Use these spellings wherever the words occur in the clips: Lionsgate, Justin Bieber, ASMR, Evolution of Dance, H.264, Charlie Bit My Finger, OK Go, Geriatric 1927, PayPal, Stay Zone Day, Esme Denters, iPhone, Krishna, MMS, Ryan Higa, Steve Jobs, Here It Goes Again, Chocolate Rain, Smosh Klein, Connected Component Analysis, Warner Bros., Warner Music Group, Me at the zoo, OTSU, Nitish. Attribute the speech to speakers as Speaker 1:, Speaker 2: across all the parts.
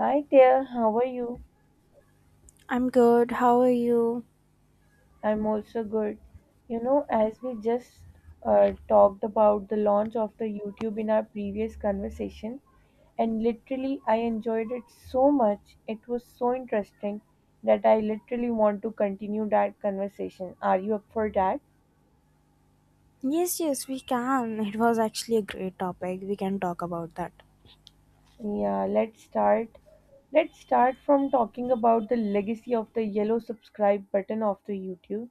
Speaker 1: Hi there, how are you?
Speaker 2: I'm good. How are you?
Speaker 1: I'm also good. You know, as we just talked about the launch of the YouTube in our previous conversation, and literally I enjoyed it so much. It was so interesting that I literally want to continue that conversation. Are you up for that?
Speaker 2: Yes, yes, we can. It was actually a great topic. We can talk about that.
Speaker 1: Yeah, let's start. Let's start from talking about the legacy of the yellow subscribe button of the YouTube.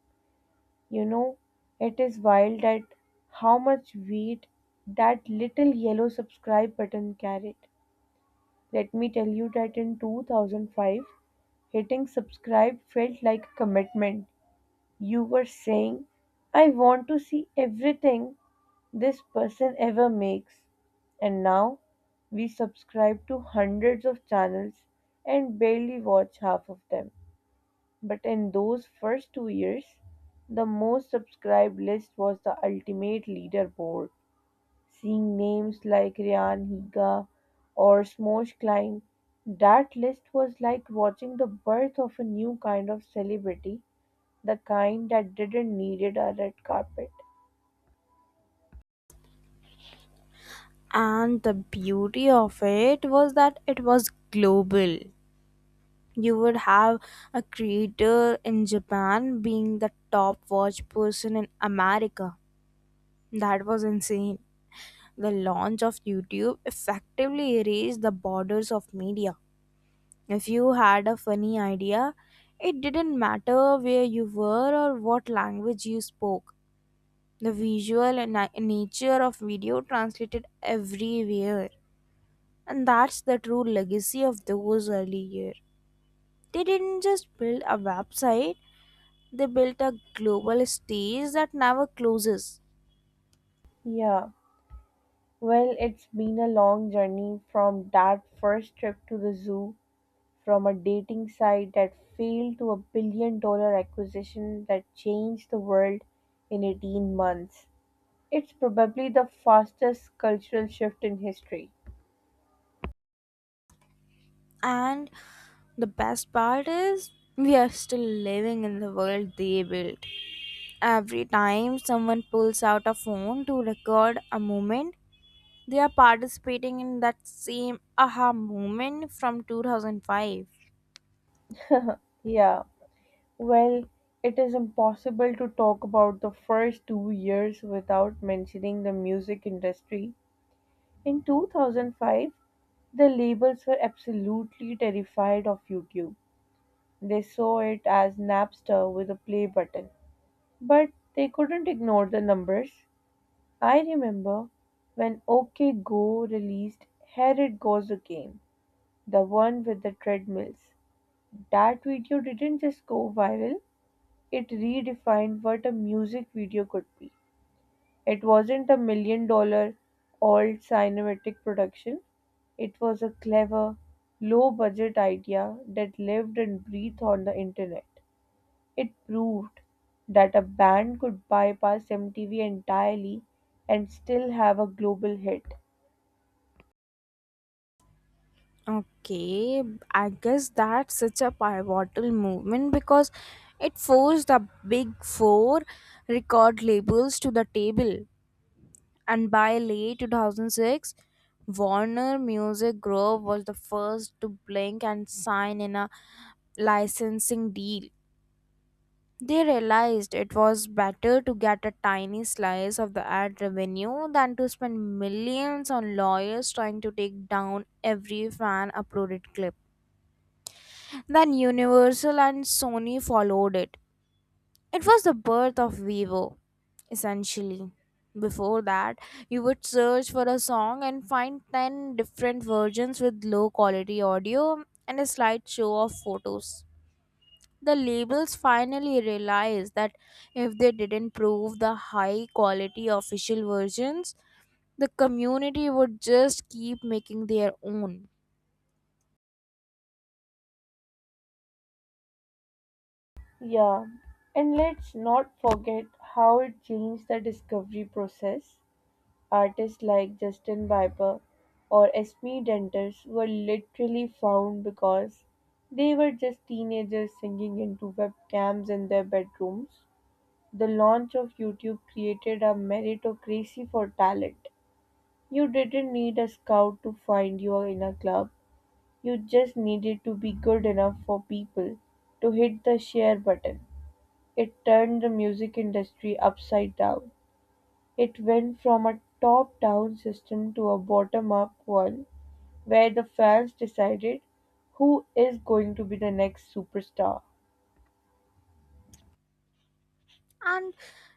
Speaker 1: You know, it is wild that how much weight that little yellow subscribe button carried. Let me tell you that in 2005, hitting subscribe felt like a commitment. You were saying, I want to see everything this person ever makes. And now we subscribe to hundreds of channels and barely watch half of them. But in those first 2 years, the most subscribed list was the ultimate leaderboard. Seeing names like Ryan Higa or Smosh Klein, that list was like watching the birth of a new kind of celebrity, the kind that didn't needed a red carpet.
Speaker 2: And the beauty of it was that it was global. You would have a creator in Japan being the top watch person in America. That was insane. The launch of YouTube effectively erased the borders of media. If you had a funny idea, it didn't matter where you were or what language you spoke. The visual and nature of video translated everywhere. And that's the true legacy of those early years. They didn't just build a website, they built a global stage that never closes.
Speaker 1: Yeah, well, it's been a long journey from that first trip to the zoo, from a dating site that failed to a billion dollar acquisition that changed the world in 18 months. It's probably the fastest cultural shift in history.
Speaker 2: And the best part is, we are still living in the world they built. Every time someone pulls out a phone to record a moment, they are participating in that same aha moment from 2005.
Speaker 1: Yeah, well, it is impossible to talk about the first 2 years without mentioning the music industry. In 2005, the labels were absolutely terrified of YouTube. They saw it as Napster with a play button. But they couldn't ignore the numbers. I remember when OK Go released Here It Goes Again, the one with the treadmills. That video didn't just go viral, it redefined what a music video could be. It wasn't a million dollar old cinematic production, it was a clever, low budget idea that lived and breathed on the internet. It proved that a band could bypass MTV entirely and still have a global hit.
Speaker 2: Okay, I guess that's such a pivotal movement because it forced the big four record labels to the table. And by late 2006, Warner Music Group was the first to blink and sign in a licensing deal. They realized it was better to get a tiny slice of the ad revenue than to spend millions on lawyers trying to take down every fan uploaded clip. Then Universal and Sony followed it. It was the birth of Vivo, essentially. Before that, you would search for a song and find 10 different versions with low quality audio and a slideshow of photos. The labels finally realized that if they didn't prove the high quality official versions, the community would just keep making their own.
Speaker 1: Yeah, and let's not forget how it changed the discovery process. Artists like Justin Bieber or Esme Denters were literally found because they were just teenagers singing into webcams in their bedrooms. The launch of YouTube created a meritocracy for talent. You didn't need a scout to find you in a club, you just needed to be good enough for people to hit the share button. It turned the music industry upside down. It went from a top-down system to a bottom-up one, where the fans decided who is going to be the next superstar.
Speaker 2: And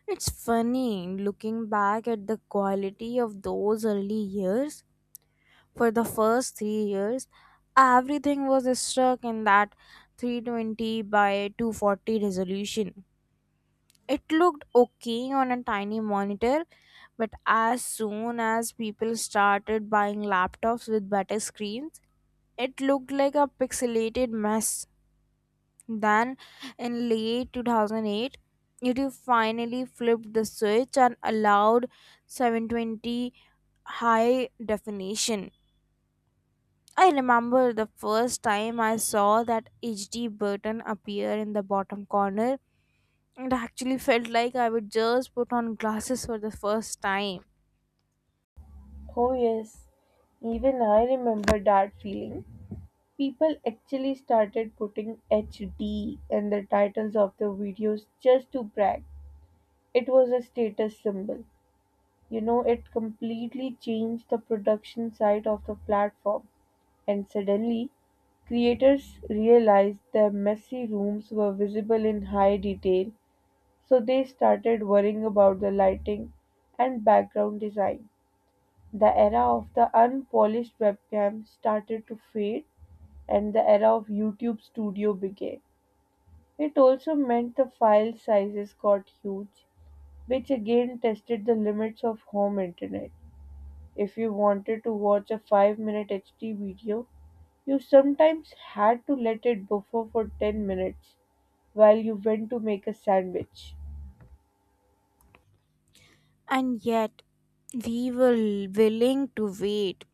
Speaker 2: it's funny looking back at the quality of those early years. For the first 3 years, everything was stuck in that 320 by 240 resolution. It looked okay on a tiny monitor, but as soon as people started buying laptops with better screens, it looked like a pixelated mess. Then, in late 2008, YouTube finally flipped the switch and allowed 720 high definition. I remember the first time I saw that HD button appear in the bottom corner. It actually felt like I would just put on glasses for the first time.
Speaker 1: Oh, yes, even I remember that feeling. People actually started putting HD in the titles of their videos just to brag. It was a status symbol. You know, it completely changed the production side of the platform. And suddenly, creators realized their messy rooms were visible in high detail, so they started worrying about the lighting and background design. The era of the unpolished webcam started to fade, and the era of YouTube Studio began. It also meant the file sizes got huge, which again tested the limits of home internet. If you wanted to watch a 5-minute HD video, you sometimes had to let it buffer for 10 minutes while you went to make a sandwich.
Speaker 2: And yet, we were willing to wait.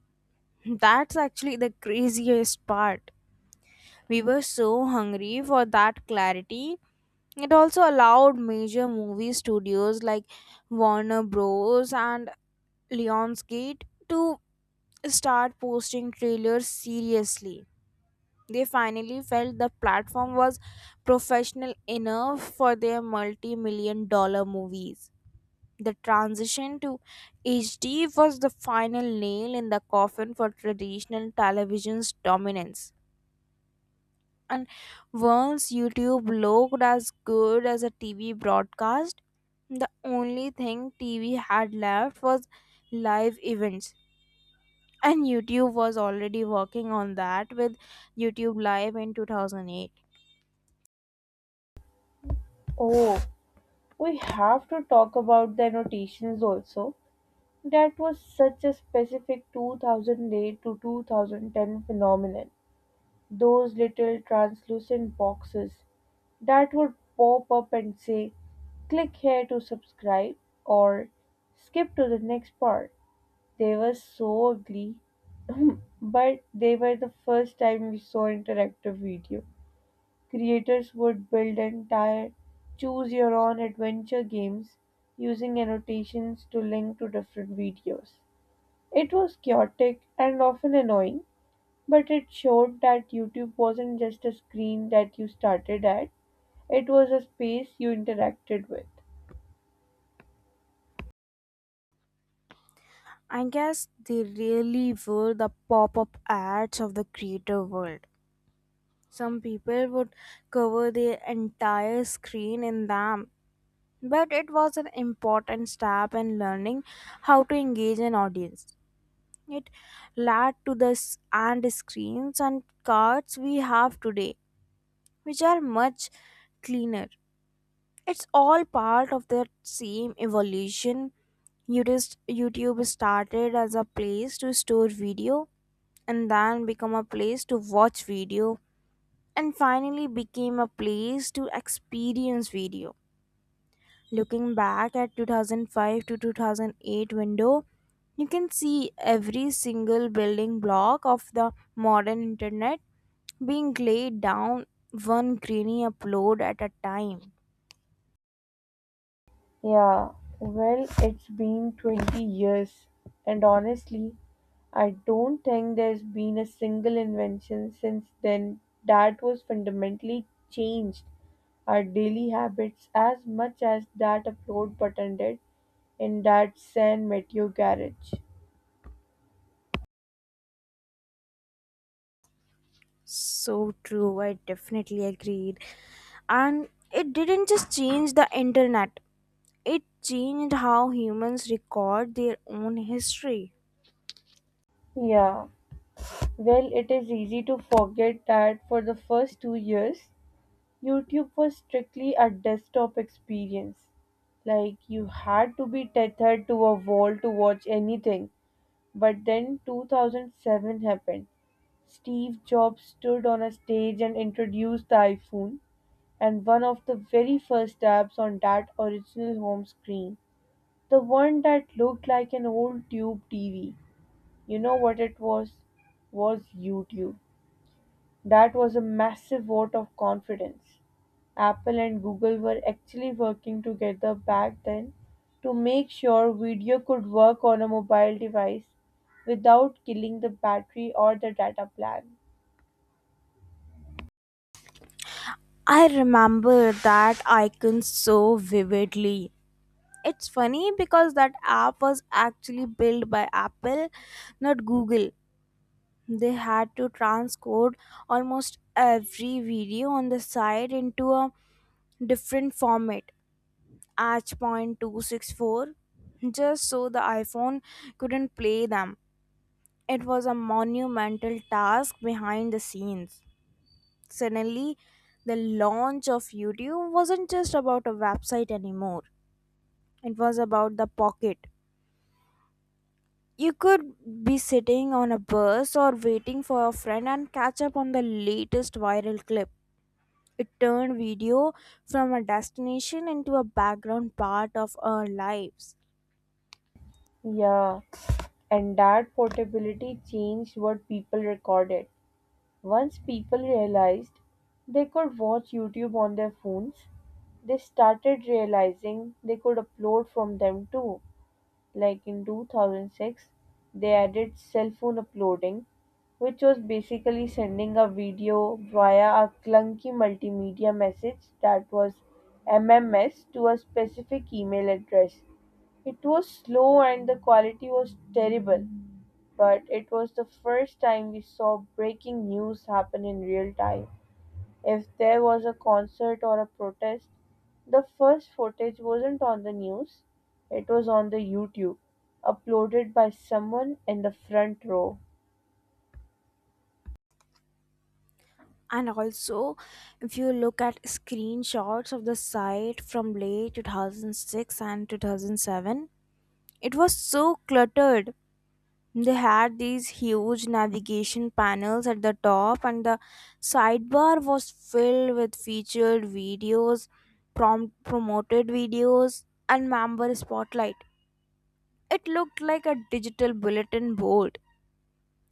Speaker 2: That's actually the craziest part. We were so hungry for that clarity. It also allowed major movie studios like Warner Bros. And Lionsgate to start posting trailers seriously. They finally felt the platform was professional enough for their multi million dollar movies. The transition to HD was the final nail in the coffin for traditional television's dominance. And once YouTube looked as good as a TV broadcast, the only thing TV had left was live events, and YouTube was already working on that with YouTube Live in 2008.
Speaker 1: Oh, we have to talk about the annotations also. That was such a specific 2008 to 2010 phenomenon. Those little translucent boxes that would pop up and say, click here to subscribe or skip to the next part. They were so ugly, but they were the first time we saw interactive video. Creators would build entire choose your own adventure games using annotations to link to different videos. It was chaotic and often annoying, but it showed that YouTube wasn't just a screen that you started at, it was a space you interacted with.
Speaker 2: I guess they really were the pop-up ads of the creator world. Some people would cover their entire screen in them, but it was an important step in learning how to engage an audience. It led to the s- and screens and cards we have today, which are much cleaner. It's all part of the same evolution. YouTube started as a place to store video and then become a place to watch video and finally became a place to experience video. Looking back at 2005 to 2008 window, you can see every single building block of the modern internet being laid down one grainy upload at a time.
Speaker 1: Yeah, well, it's been 20 years, and honestly, I don't think there's been a single invention since then that was fundamentally changed our daily habits as much as that upload button did in that San Mateo garage.
Speaker 2: So true, I definitely agreed. And it didn't just change the internet, it changed how humans record their own history.
Speaker 1: Yeah, well, it is easy to forget that for the first 2 years, YouTube was strictly a desktop experience. Like you had to be tethered to a wall to watch anything. But then 2007 happened. Steve Jobs stood on a stage and introduced the iPhone, and one of the very first apps on that original home screen, the one that looked like an old tube TV. You know what it was? Was YouTube. That was a massive vote of confidence. Apple and Google were actually working together back then to make sure video could work on a mobile device without killing the battery or the data plan.
Speaker 2: I remember that icon so vividly. It's funny because that app was actually built by Apple, not Google. They had to transcode almost every video on the site into a different format, H. point 264, just so the iPhone couldn't play them. It was a monumental task behind the scenes. Suddenly, the launch of YouTube wasn't just about a website anymore, it was about the pocket. You could be sitting on a bus or waiting for a friend and catch up on the latest viral clip. It turned video from a destination into a background part of our lives.
Speaker 1: Yeah, and that portability changed what people recorded. Once people realized they could watch YouTube on their phones, they started realizing they could upload from them too. Like in 2006 they added cell phone uploading, which was basically sending a video via a clunky multimedia message, that was MMS, to a specific email address. It was slow and the quality was terrible, but it was the first time we saw breaking news happen in real time. If there was a concert or a protest, the first footage wasn't on the news, it was on the YouTube, uploaded by someone in the front row.
Speaker 2: And also, if you look at screenshots of the site from late 2006 and 2007, it was so cluttered. They had these huge navigation panels at the top, and the sidebar was filled with featured videos, prompt promoted videos, and member spotlight. It looked like a digital bulletin board.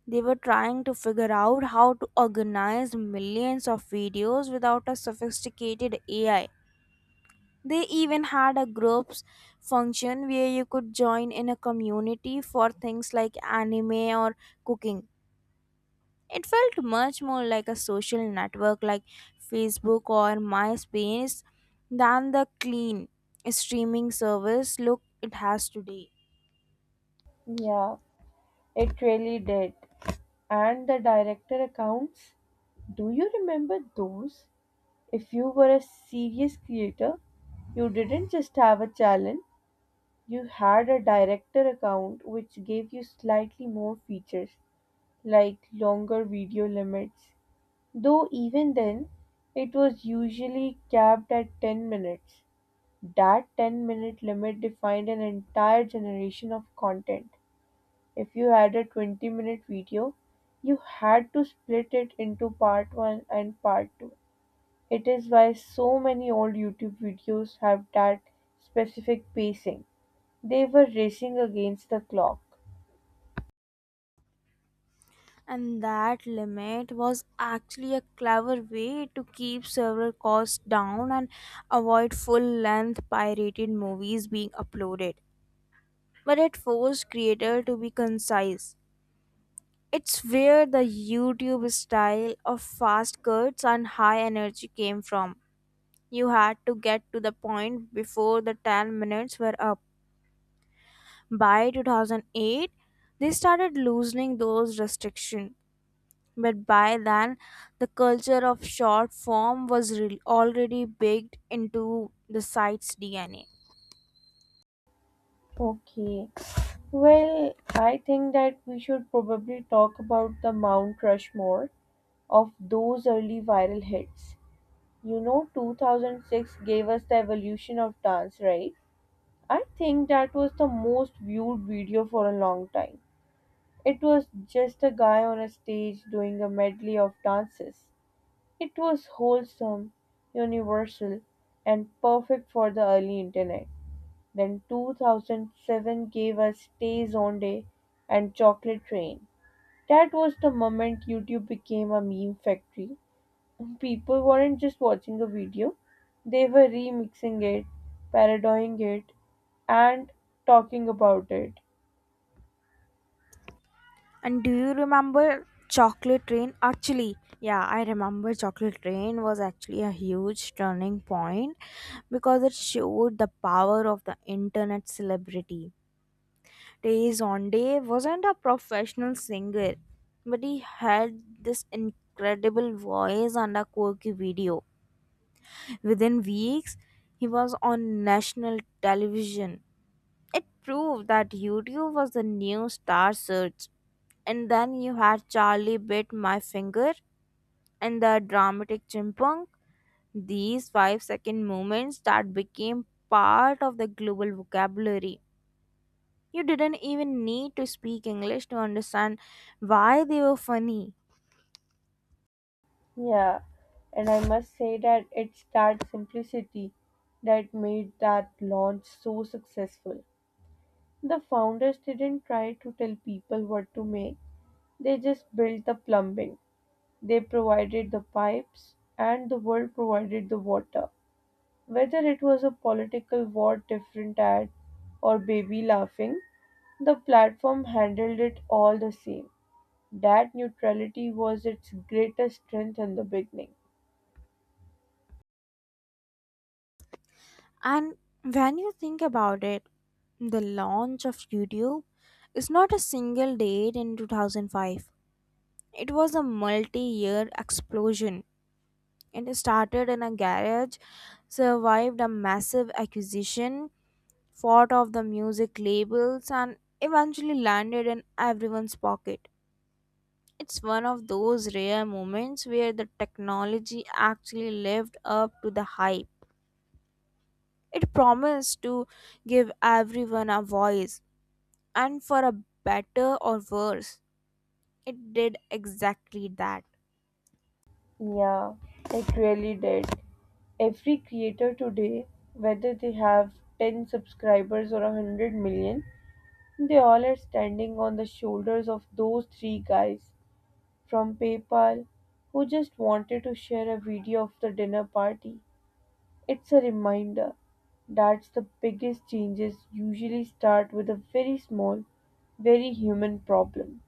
Speaker 2: They were trying to figure out how to organize millions of videos without a sophisticated AI. They even had a groups function where you could join in a community for things like anime or cooking. It felt much more like a social network like Facebook or MySpace than the clean streaming service look it has today.
Speaker 1: Yeah, it really did. And the director accounts, do you remember those? If you were a serious creator, you didn't just have a challenge, you had a director account which gave you slightly more features like longer video limits. Though even then, it was usually capped at 10 minutes. That 10-minute limit defined an entire generation of content. If you had a 20-minute video, you had to split it into part 1 and part 2. It is why so many old YouTube videos have that specific pacing. They were racing against the clock.
Speaker 2: And that limit was actually a clever way to keep server costs down and avoid full length pirated movies being uploaded. But it forced creator to be concise. It's where the YouTube style of fast cuts and high energy came from. You had to get to the point before the 10 minutes were up. By 2008, they started loosening those restrictions. But by then, the culture of short form was already baked into the site's DNA.
Speaker 1: Okay. Well, I think that we should probably talk about the Mount Rushmore of those early viral hits. You know, 2006 gave us the evolution of dance, right? I think that was the most viewed video for a long time. It was just a guy on a stage doing a medley of dances. It was wholesome, universal, and perfect for the early internet. Then 2007 gave us Stay Zone Day and Chocolate Rain. That was the moment YouTube became a meme factory. People weren't just watching a video, they were remixing it, parodying it, and talking about it.
Speaker 2: And do you remember Chocolate Rain? Actually, yeah, I remember Chocolate Rain was actually a huge turning point because it showed the power of the internet celebrity. Days on day wasn't a professional singer, but he had this incredible voice and a quirky video. Within weeks, he was on national television. It proved that YouTube was the new star search. And then you had Charlie Bit My Finger and the dramatic chimpunk. These 5 second moments that became part of the global vocabulary. You didn't even need to speak English to understand why they were funny.
Speaker 1: Yeah, and I must say that it's that simplicity that made that launch so successful. The founders didn't try to tell people what to make, they just built the plumbing. They provided the pipes, and the world provided the water. Whether it was a political war different ad or baby laughing, the platform handled it all the same. That neutrality was its greatest strength in the beginning.
Speaker 2: And when you think about it, the launch of YouTube is not a single date in 2005. It was a multi year explosion. It started in a garage, survived a massive acquisition, fought off the music labels, and eventually landed in everyone's pocket. It's one of those rare moments where the technology actually lived up to the hype. It promised to give everyone a voice, and for a better or worse, it did exactly that.
Speaker 1: Yeah, it really did. Every creator today, whether they have 10 subscribers or 100 million, they all are standing on the shoulders of those three guys from PayPal who just wanted to share a video of the dinner party. It's a reminder that the biggest changes usually start with a very small, very human problem.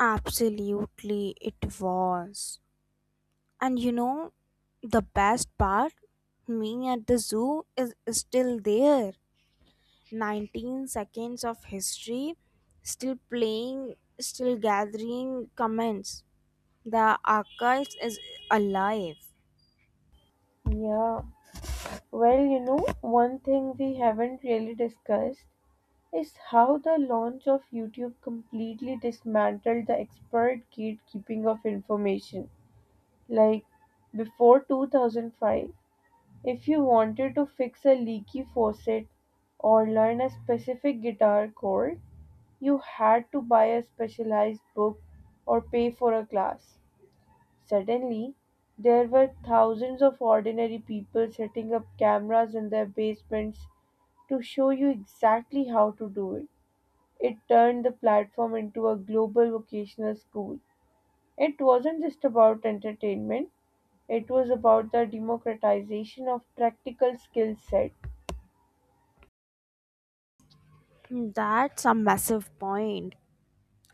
Speaker 2: Absolutely, it was. And you know, the best part? Me at the zoo is still there. 19 seconds of history, still playing, still gathering comments. The archives is alive.
Speaker 1: Yeah, well, you know, one thing we haven't really discussed is how the launch of YouTube completely dismantled the expert gatekeeping of information. Like, before 2005, if you wanted to fix a leaky faucet or learn a specific guitar chord, you had to buy a specialized book or pay for a class. Suddenly, there were thousands of ordinary people setting up cameras in their basements to show you exactly how to do it. It turned the platform into a global vocational school. It wasn't just about entertainment, it was about the democratization of practical skill set.
Speaker 2: That's a massive point.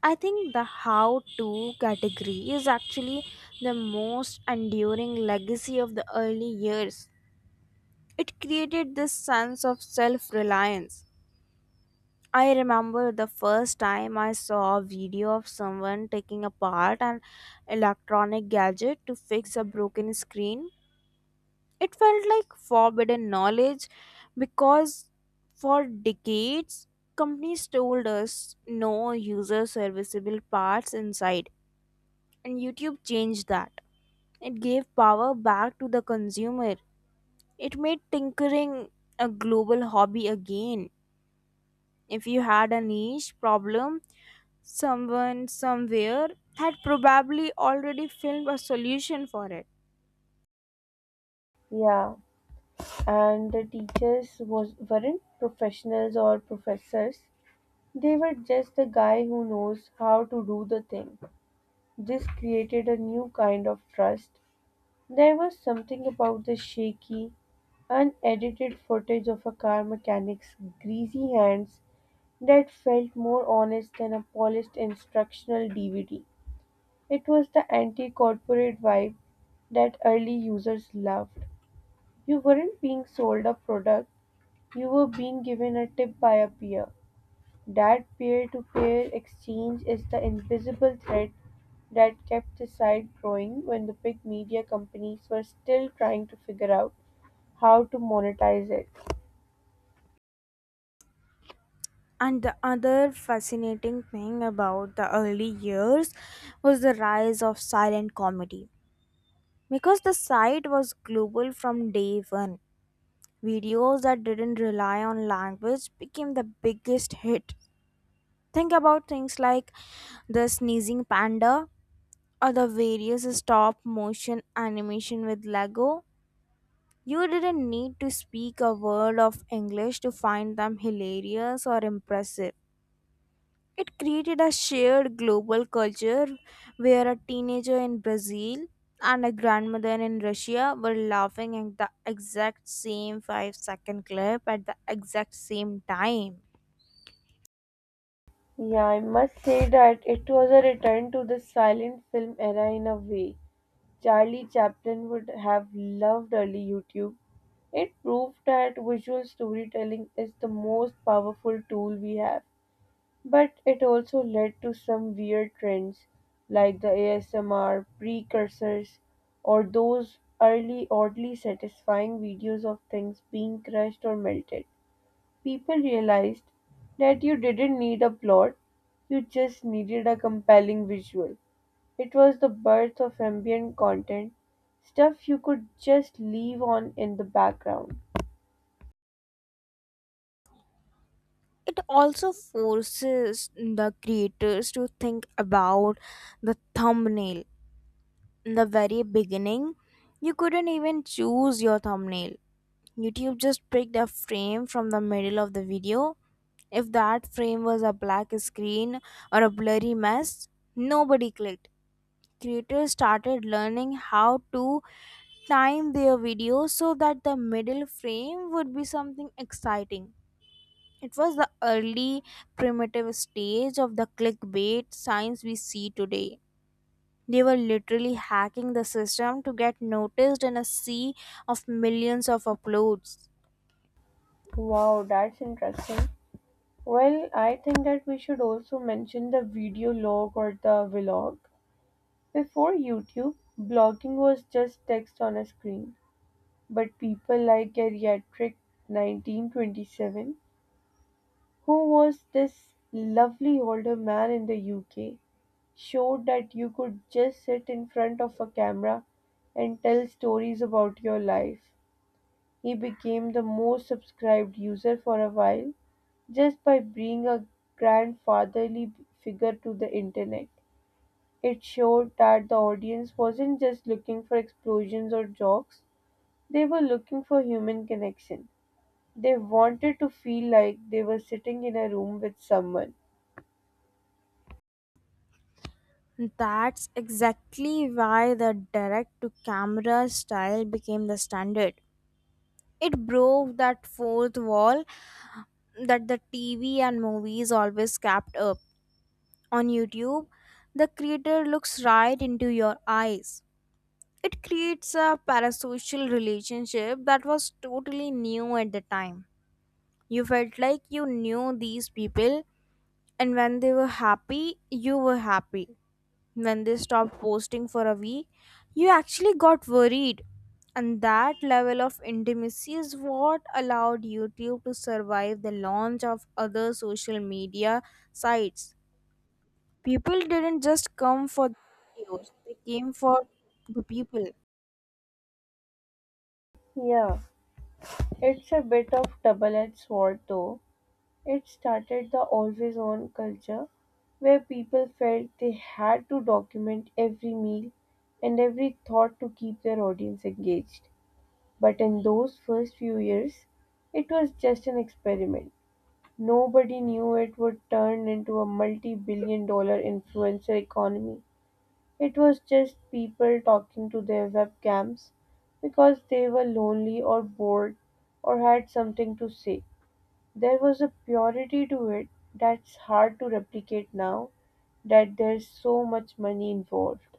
Speaker 2: I think the how to category is actually the most enduring legacy of the early years. It created this sense of self reliance. I remember the first time I saw a video of someone taking apart an electronic gadget to fix a broken screen. It felt like forbidden knowledge because for decades companies told us no user serviceable parts inside, and YouTube changed that. It gave power back to the consumer. It made tinkering a global hobby again. If you had a niche problem, someone somewhere had probably already filmed a solution for it.
Speaker 1: Yeah, and the teachers was weren't professionals or professors. They were just the guy who knows how to do the thing. This created a new kind of trust. There was something about the shaky, unedited footage of a car mechanic's greasy hands that felt more honest than a polished instructional DVD. It was the anti corporate vibe that early users loved. You weren't being sold a product, you were being given a tip by a peer. That peer-to-peer exchange is the invisible thread that kept the site growing when the big media companies were still trying to figure out how to monetize it.
Speaker 2: And the other fascinating thing about the early years was the rise of silent comedy. Because the site was global from day one, videos that didn't rely on language became the biggest hit. Think about things like the sneezing panda or the various stop motion animation with Lego. You didn't need to speak a word of English to find them hilarious or impressive. It created a shared global culture where a teenager in Brazil and a grandmother in Russia were laughing at the exact same 5-second clip at the exact same time.
Speaker 1: Yeah, I must say that it was a return to the silent film era in a way. Charlie Chaplin would have loved early YouTube. It proved that visual storytelling is the most powerful tool we have. But it also led to some weird trends like the ASMR precursors or those early oddly satisfying videos of things being crushed or melted. People realized that you didn't need a plot, you just needed a compelling visual. It was the birth of ambient content, stuff you could just leave on in the background.
Speaker 2: It also forces the creators to think about the thumbnail. In the very beginning, you couldn't even choose your thumbnail. YouTube just picked a frame from the middle of the video. If that frame was a black screen or a blurry mess, nobody clicked. Creators started learning how to time their videos so that the middle frame would be something exciting. It was the early primitive stage of the clickbait science we see today. They were literally hacking the system to get noticed in a sea of millions of uploads.
Speaker 1: Wow, that's interesting. Well, I think that we should also mention the video log or the vlog. Before YouTube, blogging was just text on a screen, but people like Geriatric 1927, who was this lovely older man in the UK, showed that you could just sit in front of a camera and tell stories about your life. He became the most subscribed user for a while, just by being a grandfatherly figure to the internet. It showed that the audience wasn't just looking for explosions or jokes, they were looking for human connection. They wanted to feel like they were sitting in a room with someone.
Speaker 2: That's exactly why the direct to camera style became the standard. It broke that fourth wall that the TV and movies always kept up. On YouTube, the creator looks right into your eyes. It creates a parasocial relationship that was totally new at the time. You felt like you knew these people, and when they were happy, you were happy when they stopped posting for a week, you actually got worried. And that level of intimacy is what allowed YouTube to survive the launch of other social media sites. People didn't just come for the videos, they came for the people.
Speaker 1: Yeah, it's a bit of double edged sword though. It started the always on culture where people felt they had to document every meal and every thought to keep their audience engaged. But in those first few years, it was just an experiment. Nobody knew it would turn into a multi billion dollar influencer economy. It was just people talking to their webcams because they were lonely or bored or had something to say. There was a purity to it that's hard to replicate now that there's so much money involved.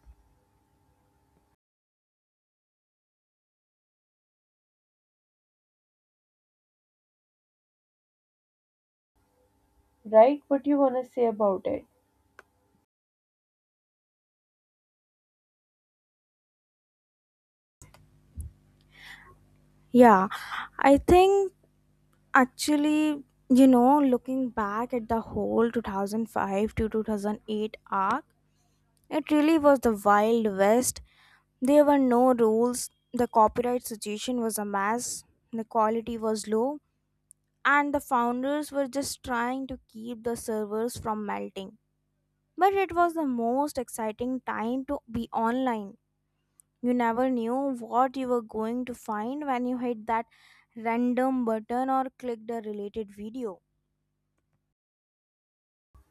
Speaker 1: Write what you wanna say about it.
Speaker 2: Yeah, I think actually, you know, looking back at the whole 2005 to 2008 arc, it really was the Wild West. There were no rules, the copyright situation was a mess, the quality was low, and the founders were just trying to keep the servers from melting. But it was the most exciting time to be online. You never knew what you were going to find when you hit that random button or clicked a related video.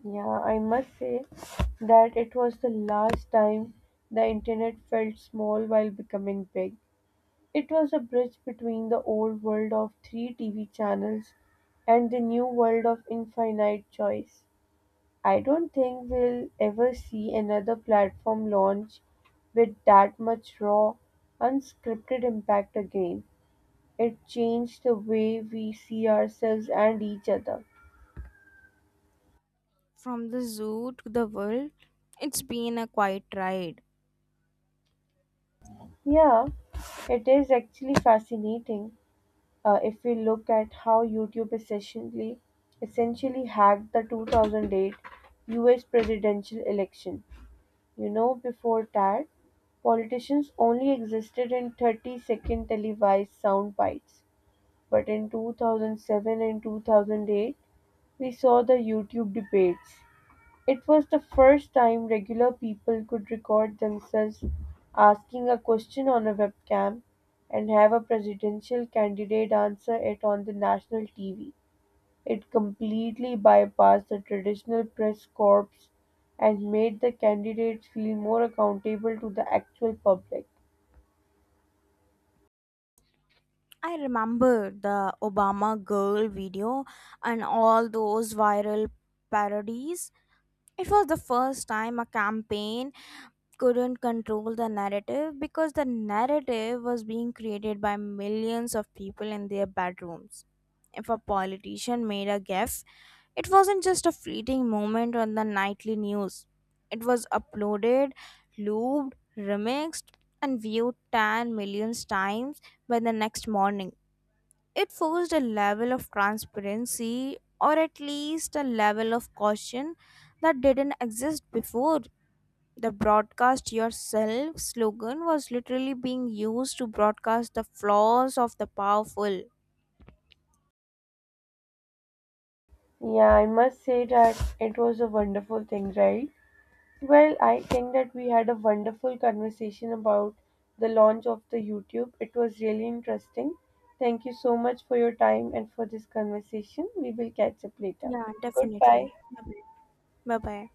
Speaker 1: Yeah, I must say that it was the last time the internet felt small while becoming big. It was a bridge between the old world of three TV channels and the new world of infinite choice. I don't think we'll ever see another platform launch with that much raw, unscripted impact again. It changed the way we see ourselves and each other.
Speaker 2: From the zoo to the world, it's been a quiet ride.
Speaker 1: Yeah, it is actually fascinating if we look at how YouTube essentially hacked the 2008 US presidential election. You know, before that, politicians only existed in 30-second televised sound bites. But in 2007 and 2008, we saw the YouTube debates. It was the first time regular people could record themselves asking a question on a webcam and have a presidential candidate answer it on the national TV. It completely bypassed the traditional press corps and made the candidates feel more accountable to the actual public.
Speaker 2: I remember the Obama Girl video and all those viral parodies. It was the first time a campaign couldn't control the narrative because the narrative was being created by millions of people in their bedrooms. If a politician made a gaffe, it wasn't just a fleeting moment on the nightly news. It was uploaded, looped, remixed, and viewed 10 million times by the next morning. It forced a level of transparency or at least a level of caution that didn't exist before. The broadcast yourself slogan was literally being used to broadcast the flaws of the powerful.
Speaker 1: Yeah, I must say that it was a wonderful thing, right? Well, I think that we had a wonderful conversation about the launch of the YouTube. It was really interesting. Thank you so much for your time and for this conversation. We will catch up later.
Speaker 2: Yeah,
Speaker 1: Goodbye.
Speaker 2: definitely. Bye bye.